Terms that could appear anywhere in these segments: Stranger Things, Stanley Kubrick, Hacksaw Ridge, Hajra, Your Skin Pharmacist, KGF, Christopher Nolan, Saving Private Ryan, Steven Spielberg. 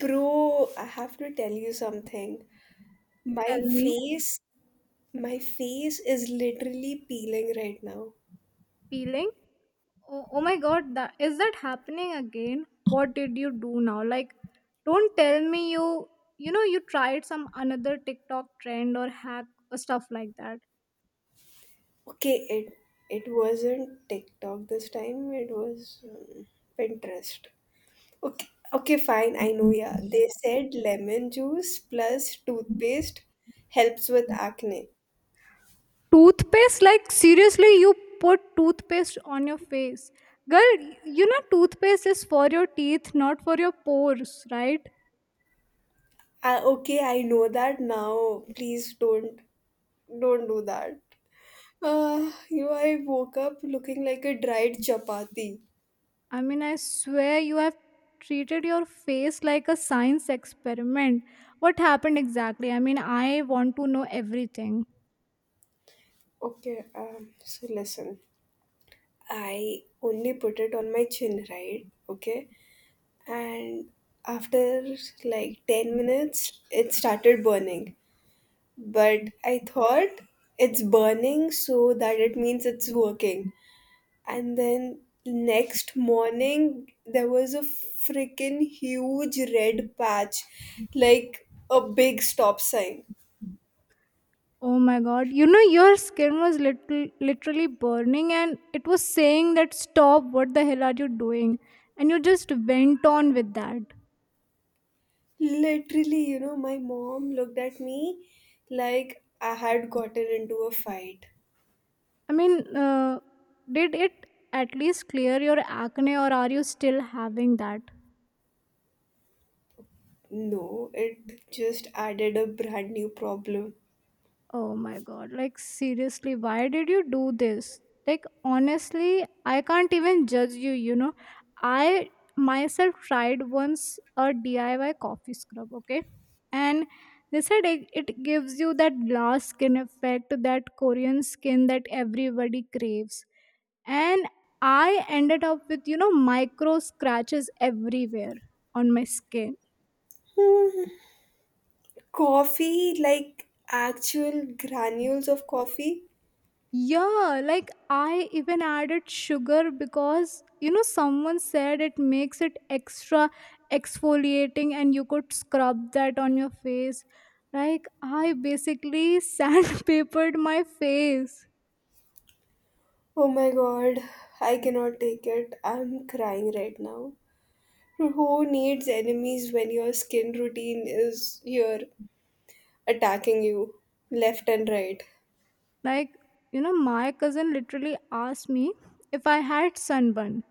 Bro, I have to tell you something. My Tell me. face, my face is literally peeling right now. Peeling. Oh my god, that is that happening again? What did you do now? Like, don't tell me you you know you tried some another tiktok trend or hack or stuff like that. Okay, it wasn't TikTok this time. It was Pinterest. Okay, okay, fine. I know. Yeah, they said lemon juice plus toothpaste helps with acne. Toothpaste? Like, seriously, you put toothpaste on your face, girl. You know toothpaste is for your teeth, not for your pores, right? Okay, I know that now. Please don't do that. I woke up looking like a dried chapati. I mean, I swear you have treated your face like a science experiment. What happened exactly? I mean, I want to know everything. Okay, so listen, I only put it on my chin, right? Okay, and after like 10 minutes, it started burning. But I thought it's burning so that it means it's working. And then next morning, there was a freaking huge red patch, like a big stop sign. Oh my god. You know, your skin was little, literally burning and it was saying that stop, what the hell are you doing? And you just went on with that. Literally, my mom looked at me like I had gotten into a fight. I mean, did it at least clear your acne or are you still having that? No, it just added a brand new problem. Oh my god, like seriously, why did you do this? Like honestly, I can't even judge you, you know. I myself tried once a DIY coffee scrub, okay? And they said it gives you that glass skin effect, that Korean skin that everybody craves. And I ended up with, you know, micro scratches everywhere on my skin. Coffee, like actual granules of coffee. Yeah, like I even added sugar because you know someone said it makes it extra exfoliating and you could scrub that on your face. Like I basically sandpapered my face. Oh my god, I cannot take it. I'm crying right now. Who needs enemies when your skin routine is here attacking you left and right? Like you know my cousin literally asked me if I had sunburn,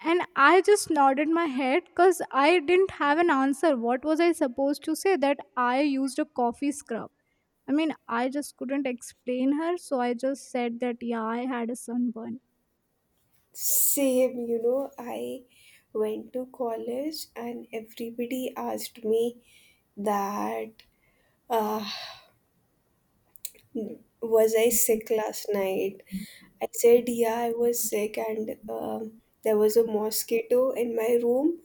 and I just nodded my head cuz I didn't have an answer. What was I supposed to say, that I used a coffee scrub? I mean, I just couldn't explain her, so I just said that, yeah, I had a sunburn. Same, I went to college and everybody asked me that uh, was I sick last night? I said, yeah, I was sick and there was a mosquito in my room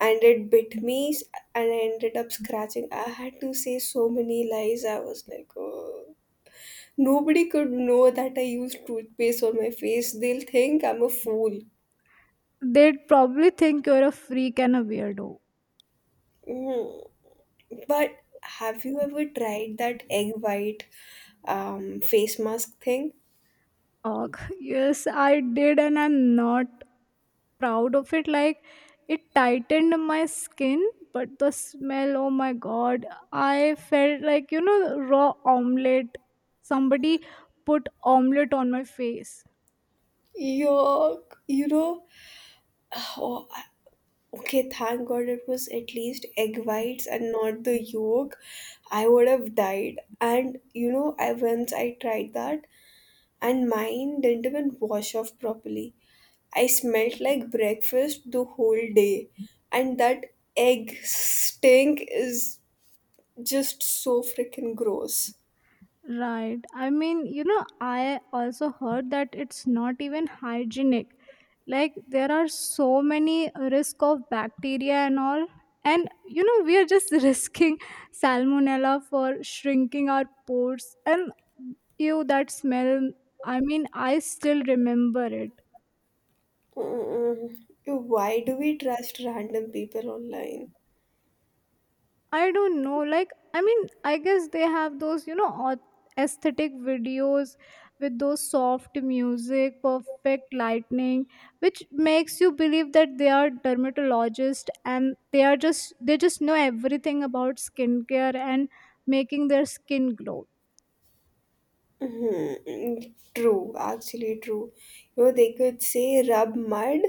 and it bit me and I ended up scratching. I had to say so many lies. I was like, oh. Nobody could know that I used toothpaste on my face. They'll think I'm a fool. They'd probably think you're a freak and a weirdo. Mm-hmm. But have you ever tried that egg white face mask thing? Ugh, yes, I did, and I'm not proud of it. Like, it tightened my skin, but the smell, oh my god, I felt like, you know, raw omelette. Somebody put omelette on my face. Yuck! Oh, okay, thank God it was at least egg whites and not the yolk. I would have died. And you know, I once I tried that, and mine didn't even wash off properly. I smelt like breakfast the whole day, and that egg stink is just so freaking gross. Right. I mean, you know, I also heard that it's not even hygienic. Like there are so many risk of bacteria and all. And you know, we are just risking salmonella for shrinking our pores and ew that smell. I mean, I still remember it. Mm, Why do we trust random people online? I don't know. Like, I mean, I guess they have those, you know, aesthetic videos with those soft music, perfect lightning, which makes you believe that they are dermatologists, and they just know everything about skincare and making their skin glow. Mhm. True, actually true. They could say rub mud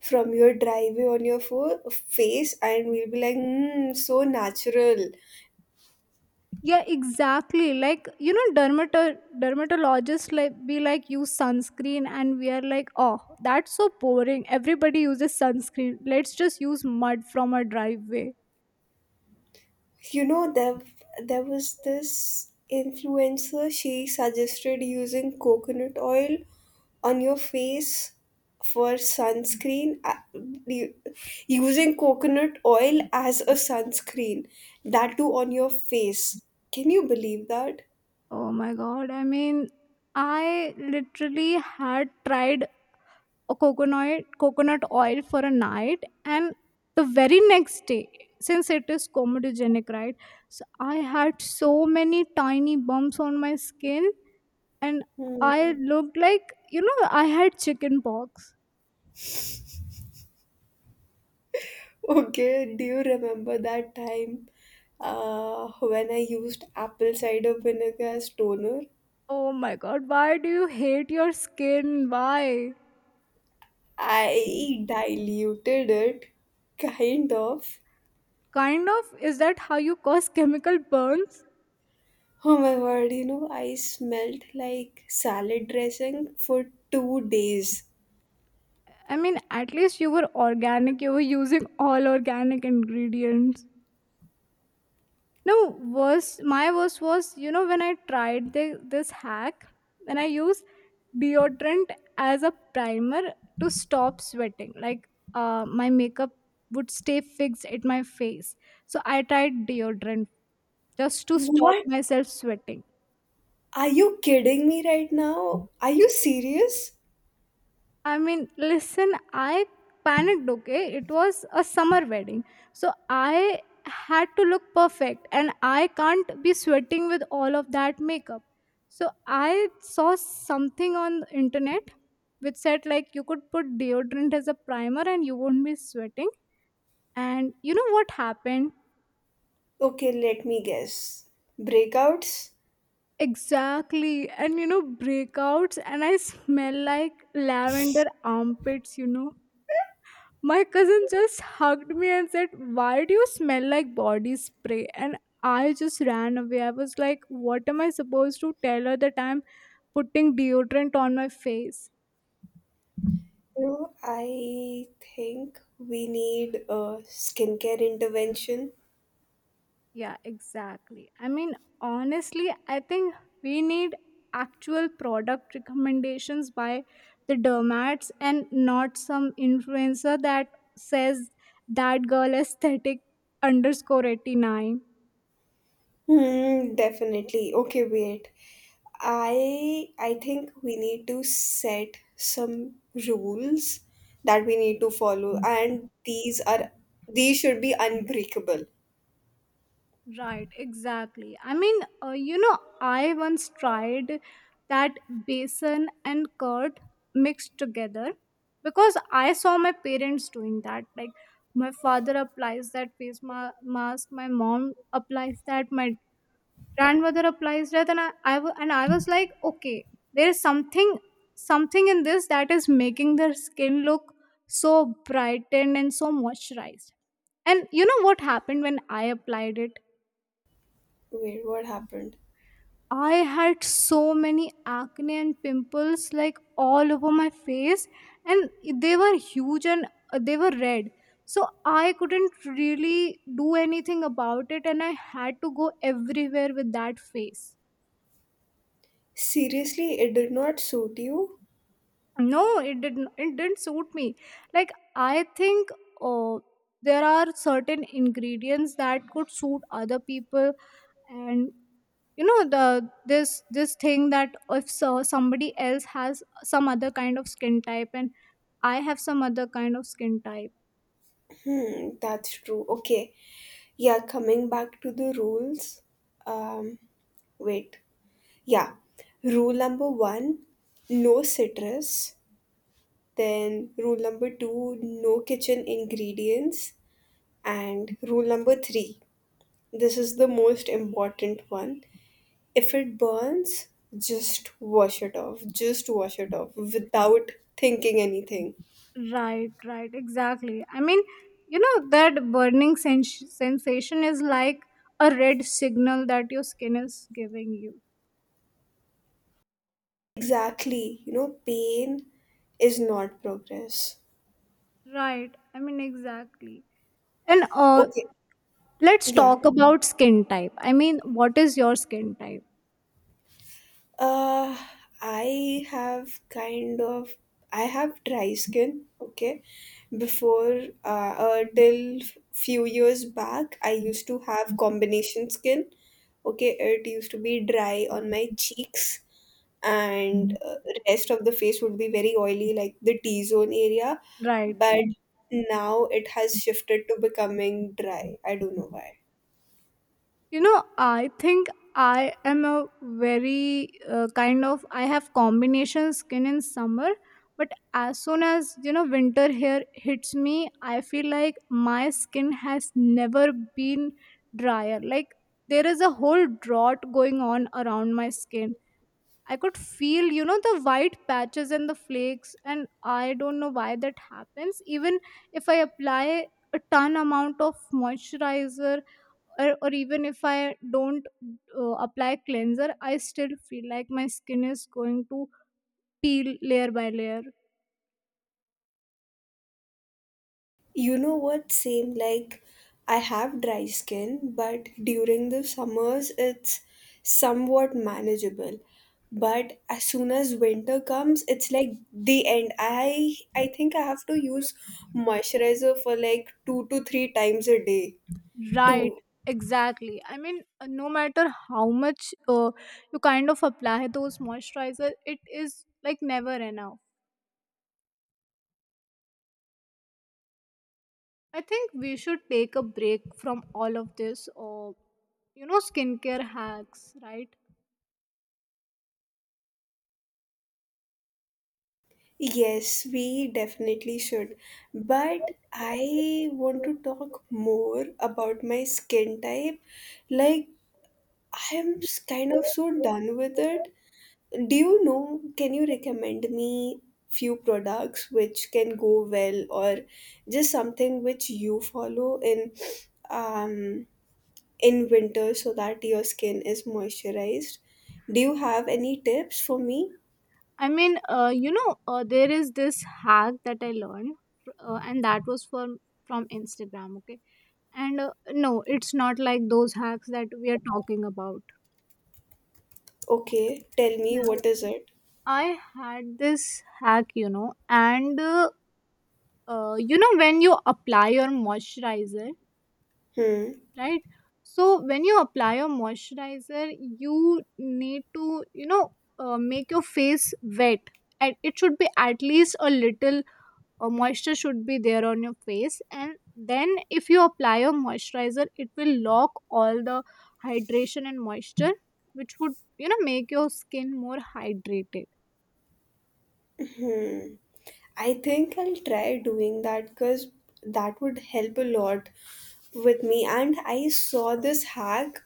from your driveway on your face, and we'll be like, mm, so natural. Yeah, exactly, like you know dermatologists like be like use sunscreen, and we are like, oh, that's so boring, everybody uses sunscreen, let's just use mud from a driveway. You know, there, there was this influencer, she suggested using coconut oil on your face for sunscreen, u- using coconut oil as a sunscreen, that too on your face. Can you believe that? Oh my god, I mean, I literally had tried a coconut oil for a night, and the very next day, since it is comedogenic, right, so I had so many tiny bumps on my skin. And Hmm. I looked like, you know, I had chicken pox. Okay, do you remember that time when I used apple cider vinegar as toner? Oh my god, why do you hate your skin? Why? I diluted it, kind of. Kind of, is that how you cause chemical burns? Oh my word, I smelled like salad dressing for 2 days. I mean, at least you were organic, you were using all organic ingredients. No, worst my worst was, you know, when I tried this hack, when I used deodorant as a primer to stop sweating. Like my makeup would stay fixed at my face. So I tried deodorant just to stop What? myself sweating. Are you kidding me right now? Are you serious? I mean, listen, I panicked, okay? It was a summer wedding. So I had to look perfect and I can't be sweating with all of that makeup. So I saw something on the internet which said like you could put deodorant as a primer and you won't be sweating. And you know what happened? Okay, let me guess. Breakouts? Exactly. And you know, breakouts, and I smell like lavender armpits, you know. My cousin just hugged me and said, why do you smell like body spray? And I just ran away. I was like, what am I supposed to tell her, that I'm putting deodorant on my face? I think we need a skincare intervention. Yeah, exactly. I mean, honestly, I think we need actual product recommendations by the dermats and not some influencer that says that girl aesthetic underscore 89. Hmm, definitely. Okay, wait. I think we need to set some rules that we need to follow, and these should be unbreakable. Right, exactly. I mean, you know, I once tried that basin and curd mixed together because I saw my parents doing that. Like, my father applies that face mask, my mom applies that, my grandmother applies that, and I was like, okay, there is something in this that is making their skin look so brightened and so moisturized. And you know what happened when I applied it? Wait, what happened? I had so many acne and pimples like all over my face, and they were huge, and they were red. So I couldn't really do anything about it, and I had to go everywhere with that face. Seriously, it did not suit you? No, it didn't suit me. Like I think, oh, there are certain ingredients that could suit other people, and you know the this this thing, that if so, somebody else has some other kind of skin type, and I have some other kind of skin type. Hmm, that's true. Okay. Yeah, coming back to the rules. Um, Wait. Yeah. Rule number one, no citrus. Then rule number two, no kitchen ingredients. And rule number three, this is the most important one. If it burns, just wash it off. Just wash it off without thinking anything. Right, right, exactly. I mean, you know that burning sensation is like a red signal that your skin is giving you. Exactly. Pain is not progress. Right, I mean, exactly. And Okay. let's Yeah. talk about skin type. I mean, what is your skin type? Uh, I have kind of I have dry skin. Okay, before till few years back, I used to have combination skin. Okay, it used to be dry on my cheeks, and rest of the face would be very oily, like the T zone area. Right. But Right. now it has shifted to becoming dry. I don't know why. You know, I think I am a very kind of, I have combination skin in summer, but as soon as, you know, winter here hits me, I feel like my skin has never been drier. Like, there is a whole drought going on around my skin. I could feel, you know, the white patches and the flakes, and I don't know why that happens. Even if I apply a ton amount of moisturizer, or even if I don't apply cleanser, I still feel like my skin is going to peel layer by layer. You know what? Same, like I have dry skin, but during the summers it's somewhat manageable. But as soon as winter comes, it's like the end. I think I have to use moisturizer for like 2 to 3 times a day Right, to exactly. I mean, no matter how much you kind of apply those moisturizer, it is like never enough. I think we should take a break from all of this, you know, skincare hacks, right? Yes, we definitely should. But I want to talk more about my skin type. Like, I am kind of so done with it. Do you know, can you recommend me few products which can go well? Or just something which you follow in um winter so that your skin is moisturized? Do you have any tips for me? I mean, you know, there is this hack that I learned, and that was from Instagram. Okay, and no, it's not like those hacks that we are talking about. Okay, tell me, Yeah. what is it? I had this hack, you know, and you know when you apply your moisturizer, Hmm. right? So when you apply a moisturizer, you need to, you know, make your face wet, and it should be at least a little moisture should be there on your face, and then if you apply a moisturizer, it will lock all the hydration and moisture, which would, you know, make your skin more hydrated. hmm I think I'll try doing that because that would help a lot with me. And I saw this hack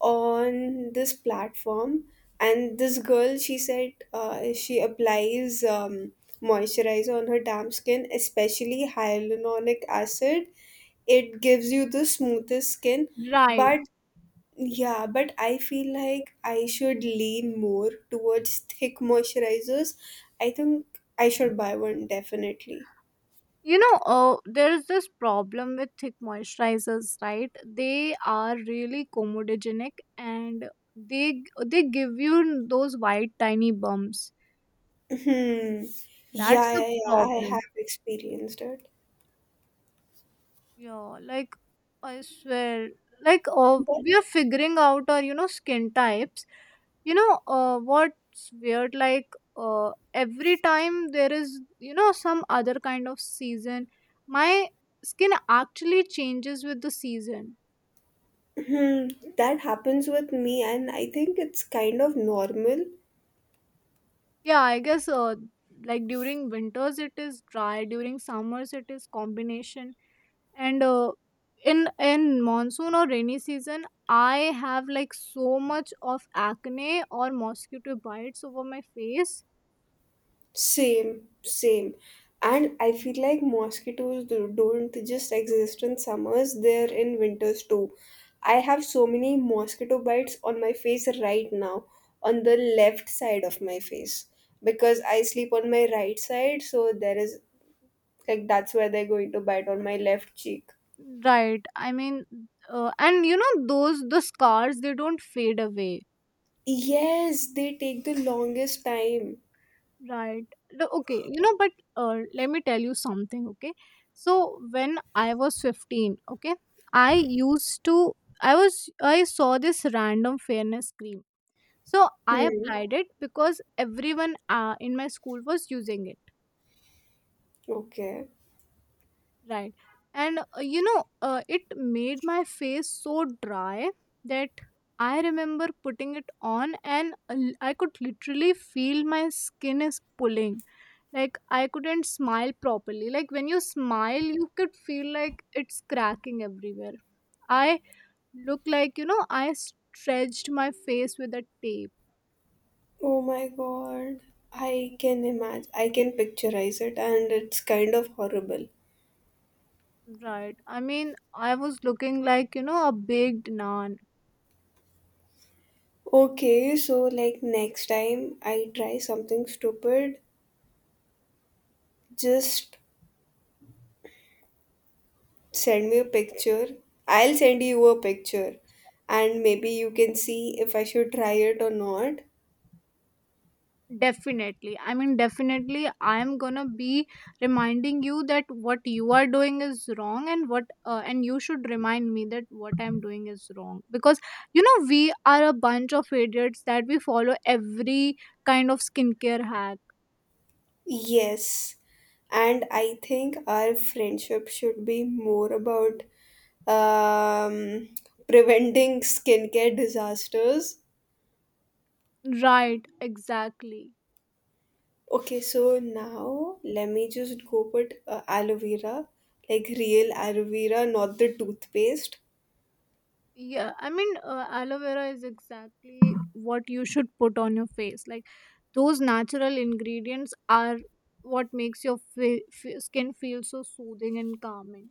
on this platform, and this girl, she said she applies moisturizer on her damp skin, especially hyaluronic acid. It gives you the smoothest skin. Right. But, yeah, but I feel like I should lean more towards thick moisturizers. I think I should buy one, definitely. You know, there is this problem with thick moisturizers, right? They are really comedogenic, and they give you those white tiny bumps. Hmm. That's Yeah, the yeah, yeah, I problem. have experienced it. Yeah, like I swear, like we are figuring out our, you know, skin types. You know, what's weird, like every time there is, you know, some other kind of season, my skin actually changes with the season. Hmm, that happens with me, and I think it's kind of normal. Yeah, I guess, like during winters it is dry, during summers it is combination, and in monsoon or rainy season I have like so much of acne or mosquito bites over my face. Same, same. And I feel like mosquitoes don't just exist in summers, they're in winters too. I have so many mosquito bites on my face right now, on the left side of my face, because I sleep on my right side, so there is like that's where they're going to bite, on my left cheek. Right. I mean, and you know those the scars, they don't fade away. Yes, they take the longest time. Right. No, okay. You know, but let me tell you something. Okay. So when I was 15, okay, I used to, I was, I saw this random fairness cream. So I Hmm. applied it because everyone in my school was using it. Okay. Right. And, you know, it made my face so dry that I remember putting it on, and I could literally feel my skin is pulling. Like I couldn't smile properly, like when you smile you could feel like it's cracking everywhere. I look like, you know, I stretched my face with a Oh my god. I can tape. imagine. I can picturize it, and it's kind of horrible. Right, I mean, I was looking like, you know, a baked naan. Okay, so like next time I try something stupid, just send me a picture. I'll send you a picture and maybe you can see if I should try it or not. Definitely. I mean, definitely, I am gonna be reminding you that what you are doing is wrong, and you should remind me that what I'm doing is wrong. Because, you know, we are a bunch of idiots that we follow every kind of skincare hack. Yes. And I think our friendship should be more about um, preventing skincare disasters. Right, exactly. Okay, so now let me just go put aloe vera, like real aloe vera, not the toothpaste. Yeah, I mean, aloe vera is exactly what you should put on your face. Like, those natural ingredients are what makes your skin feel so soothing and calming.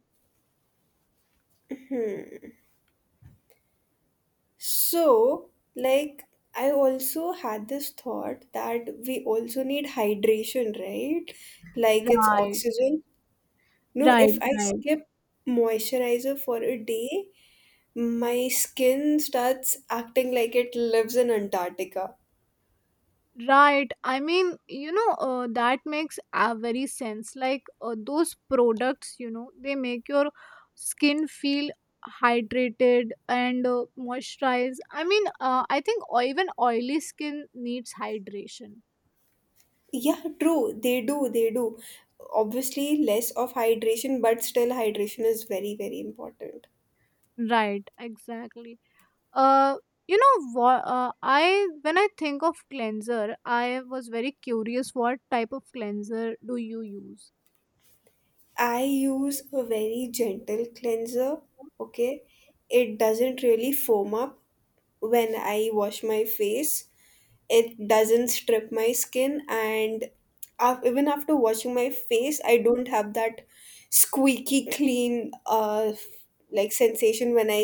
So, like, I also had this thought that we also need hydration, right? Like, it's Right, oxygen. No, right, if I right, skip moisturizer for a day, my skin starts acting like it lives in Antarctica. right. I mean, you know, that makes a very sense. Like those products, you know, they make your skin feel hydrated and moisturized. I mean, I think or even oily skin needs hydration. Yeah, true. They do. They do. Obviously, less of hydration, but still, hydration is very, very important. Right, exactly. Uh, you know what? I when I think of cleanser, I was very curious. What type of cleanser do you use? I use a very gentle cleanser. Okay. It doesn't really foam up when I wash my face. It doesn't strip my skin, and af even after washing my face, I don't have that squeaky clean like sensation, when I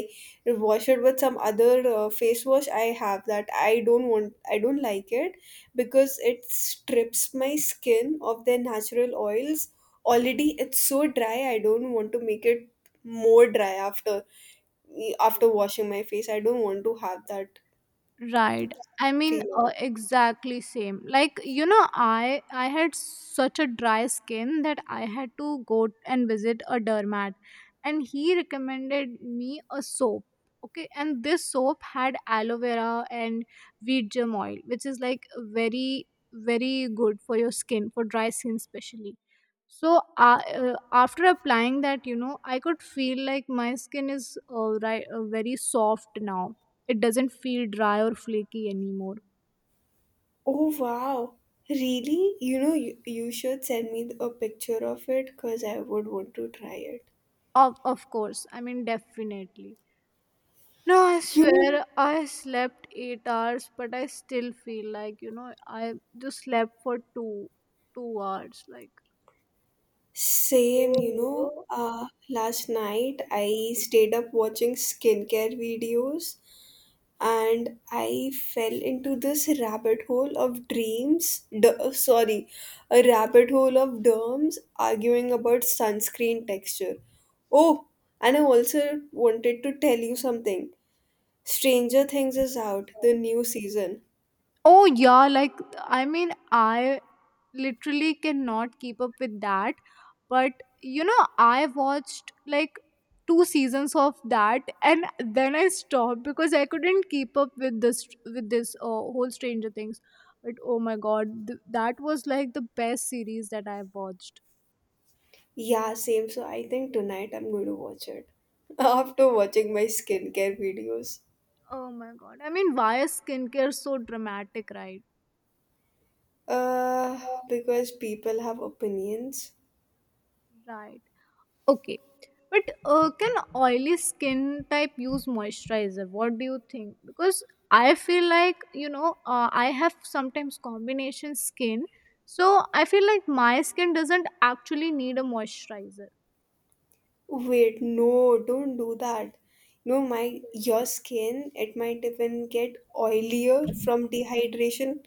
wash it with some other face wash. I have that, I don't want, I don't like it, because it strips my skin of their natural oils. Already it's so dry, I don't want to make it more dry after washing my face. I don't want to have that Right. I mean, feeling. Exactly same. Like you know, I had such a dry skin that I had to go and visit a dermat, and he recommended me a soap. Okay, and this soap had aloe vera and wheat germ oil, which is like very very good for your skin, for dry skin especially. So after applying that, you know, I could feel like my skin is very soft now it doesn't feel dry or flaky anymore. Oh wow, really? You should send me a picture of it because I would want to try it. Of course, I mean, definitely. No, I You know, swear I slept 8 hours, but I still feel like, you know, I just slept for two, 2 hours. Like, Same. Last night I stayed up watching skincare videos and I fell into this rabbit hole of dreams, sorry, a rabbit hole of derms arguing about sunscreen texture. Oh, and I also wanted to tell you something. Stranger Things is out, the new season. oh yeah, like, I mean, I literally cannot keep up with that, but you know I watched like two seasons of that and then I stopped because I couldn't keep up with this whole Stranger Things. But oh my god, that was like the best series that I watched. Yeah, same. So I think tonight I'm going to watch it. After watching my skincare videos. Oh my god, I mean, why is skincare so dramatic, right? Uh, because people have opinions. Right. Okay. But can oily skin type use moisturizer? What do you think? Because I feel like you know I have sometimes combination skin, so I feel like my skin doesn't actually need a moisturizer. Wait, no, don't do that. No, my your skin, it might even get oilier from dehydration.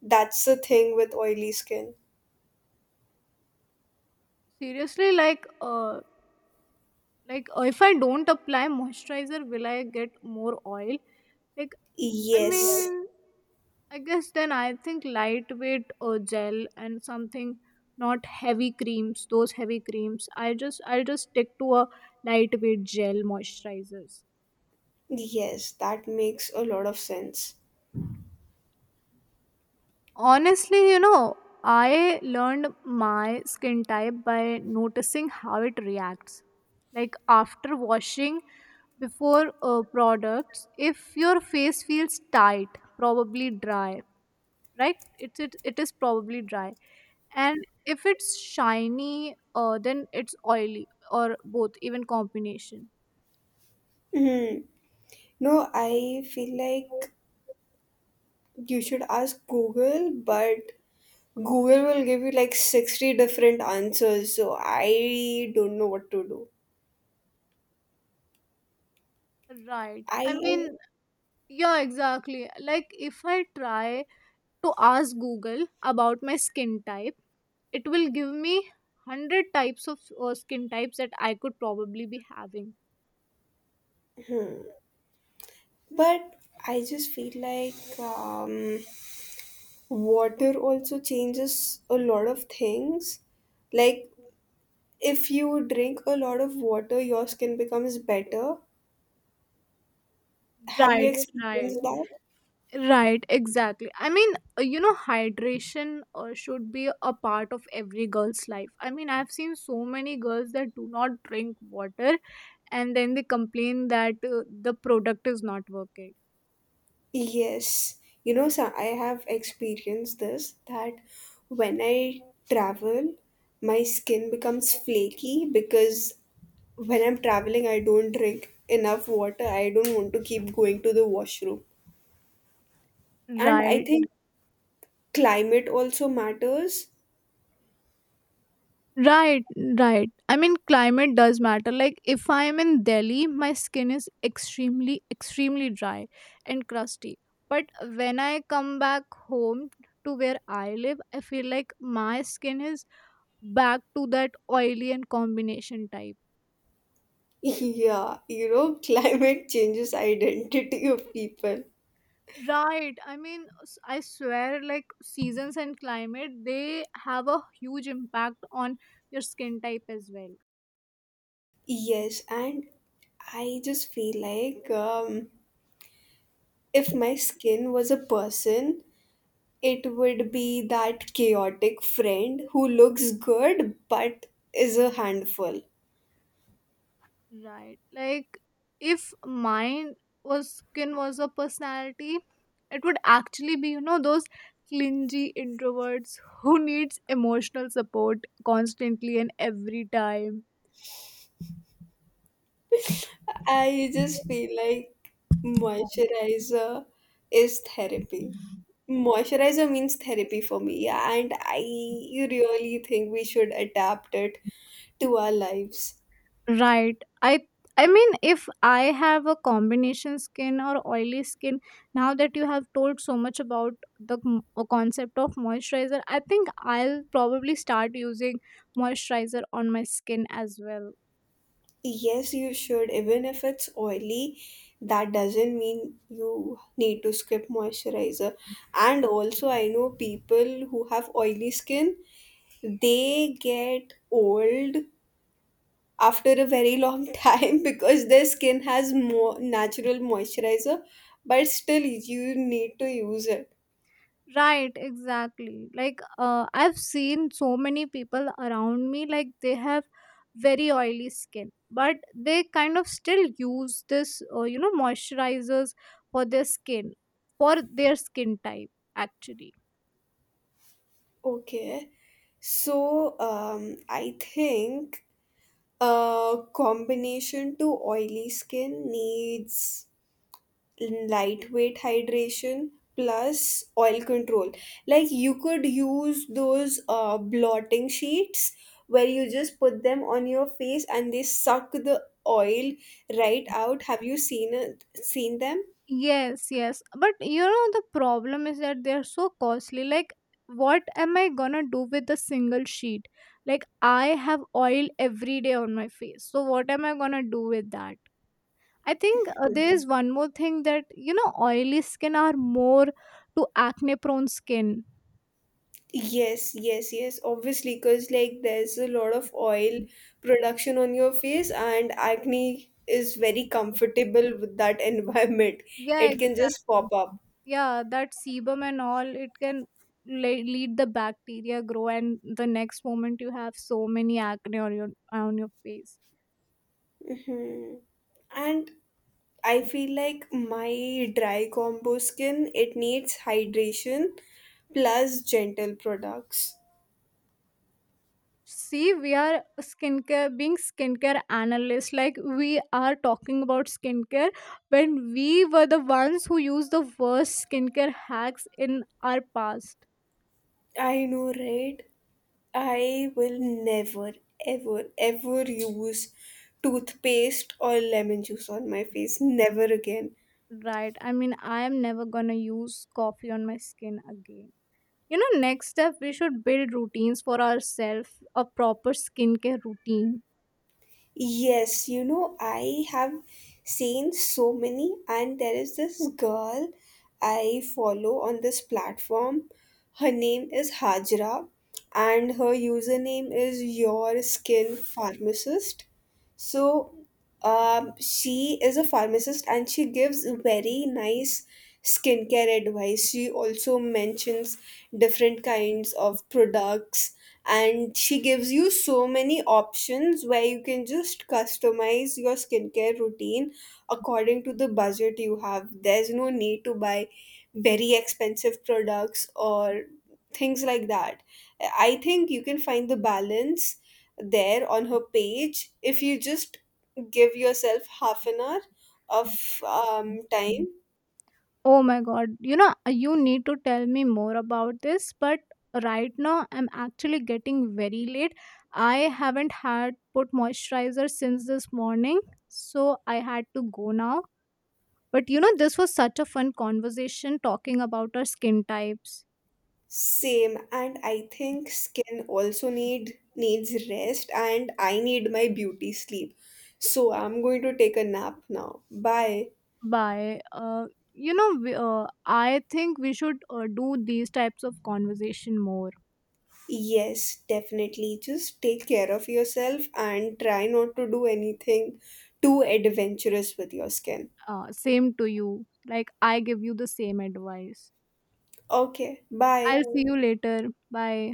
That's the thing with oily skin. Seriously, like if I don't apply moisturizer, will I get more oil? Like, I Yes, mean, I guess then I think lightweight or gel and something, not heavy creams, those heavy creams. I'll just stick to a lightweight gel moisturizers. yes, that makes a lot of sense. Honestly, you know, I learned my skin type by noticing how it reacts. Like after washing, before products, if your face feels tight, probably dry, right? It's it is probably dry. And if it's shiny, then it's oily or both, even combination. Hmm. No, I feel like you should ask Google, but Google will give you like 60 different answers, so I don't know what to do. Right. I I mean, yeah, exactly. Like if I try to ask Google about my skin type, it will give me 100 types of skin types that I could probably be having. but I just feel like water also changes a lot of things. Like, if you drink a lot of water, your skin becomes better. Have you Right, right, experienced that? right, exactly. I mean, you know, hydration should be a part of every girl's life. I mean, I've seen so many girls that do not drink water, and then they complain that the product is not working. Yes, so I have experienced this, that when I travel, my skin becomes flaky, because when I'm traveling, I don't drink enough water. I don't want to keep going to the washroom. And I Right, think climate also matters. right, right. I mean, climate does matter. Like if I am in Delhi, my skin is extremely extremely dry and crusty, but when I come back home to where I live, I feel like my skin is back to that oily and combination type. Yeah, climate changes identity of people. Right. I mean, I swear, like seasons and climate, they have a huge impact on your skin type as well. Yes, and I just feel like if my skin was a person, it would be that chaotic friend who looks good but is a handful. Right. Like if mine was skin was a personality, it would actually be, you know, those clingy introverts who needs emotional support constantly and every time. I just feel like moisturizer is therapy. Moisturizer means therapy for me, and I really think we should adapt it to our lives. Right. I mean, if I have a combination skin or oily skin, now that you have told so much about the concept of moisturizer, I think I'll probably start using moisturizer on my skin as well. Yes, you should, even if it's oily, that doesn't mean you need to skip moisturizer. And also, I know people who have oily skin, they get old after a very long time because their skin has more natural moisturizer, but still you need to use it. Right, exactly. Like, I've seen so many people around me, like, they have very oily skin, but they kind of still use this, you know, moisturizers for their skin, for their skin type, actually. Okay, so I think a combination to oily skin needs lightweight hydration plus oil control. Like, you could use those blotting sheets, where you just put them on your face and they suck the oil right out. Have you seen them? Yes, yes. But you know, the problem is that they're so costly. Like, what am I gonna do with a single sheet? Like, I have oil every day on my face. So, what am I gonna do with that? I think there is one more thing that you know oily skin are more to acne prone skin. Yes, yes, yes, obviously, because like there's a lot of oil production on your face and acne is very comfortable with that environment. Yeah, It can just exactly. pop up. Yeah, that sebum and all, it can lead the bacteria grow, and the next moment you have so many acne on your face. Mhm. And I feel like my dry combo skin, it needs hydration plus gentle products. See, we are skincare being skincare analysts, like we are talking about skincare when we were the ones who used the worst skincare hacks in our past. I know, right? I will never, ever, ever use toothpaste or lemon juice on my face. Never again. Right. I mean, I am never gonna use coffee on my skin again. You know, next step, we should build routines for ourselves, a proper skincare routine. Yes, I have seen so many, and there is this girl I follow on this platform. Her name is Hajra, and her username is Your Skin Pharmacist. So, she is a pharmacist and she gives very nice skincare advice. She also mentions different kinds of products, and she gives you so many options where you can just customize your skincare routine according to the budget you have. There's no need to buy very expensive products or things like that. I think you can find the balance there on her page if you just give yourself half an hour of time. Oh my god. You know, you need to tell me more about this, but right now I'm actually getting very late. I haven't had put moisturizer since this morning, so I had to go now. But you know, this was such a fun conversation talking about our skin types. Same, and I think skin also needs rest, and I need my beauty sleep. So I'm going to take a nap now. Bye. Bye. You know, I think we should do these types of conversation more. Yes, definitely. Just take care of yourself and try not to do anything too adventurous with your skin. Same to you. Like, I give you the same advice. Okay, bye. I'll see you later. Bye.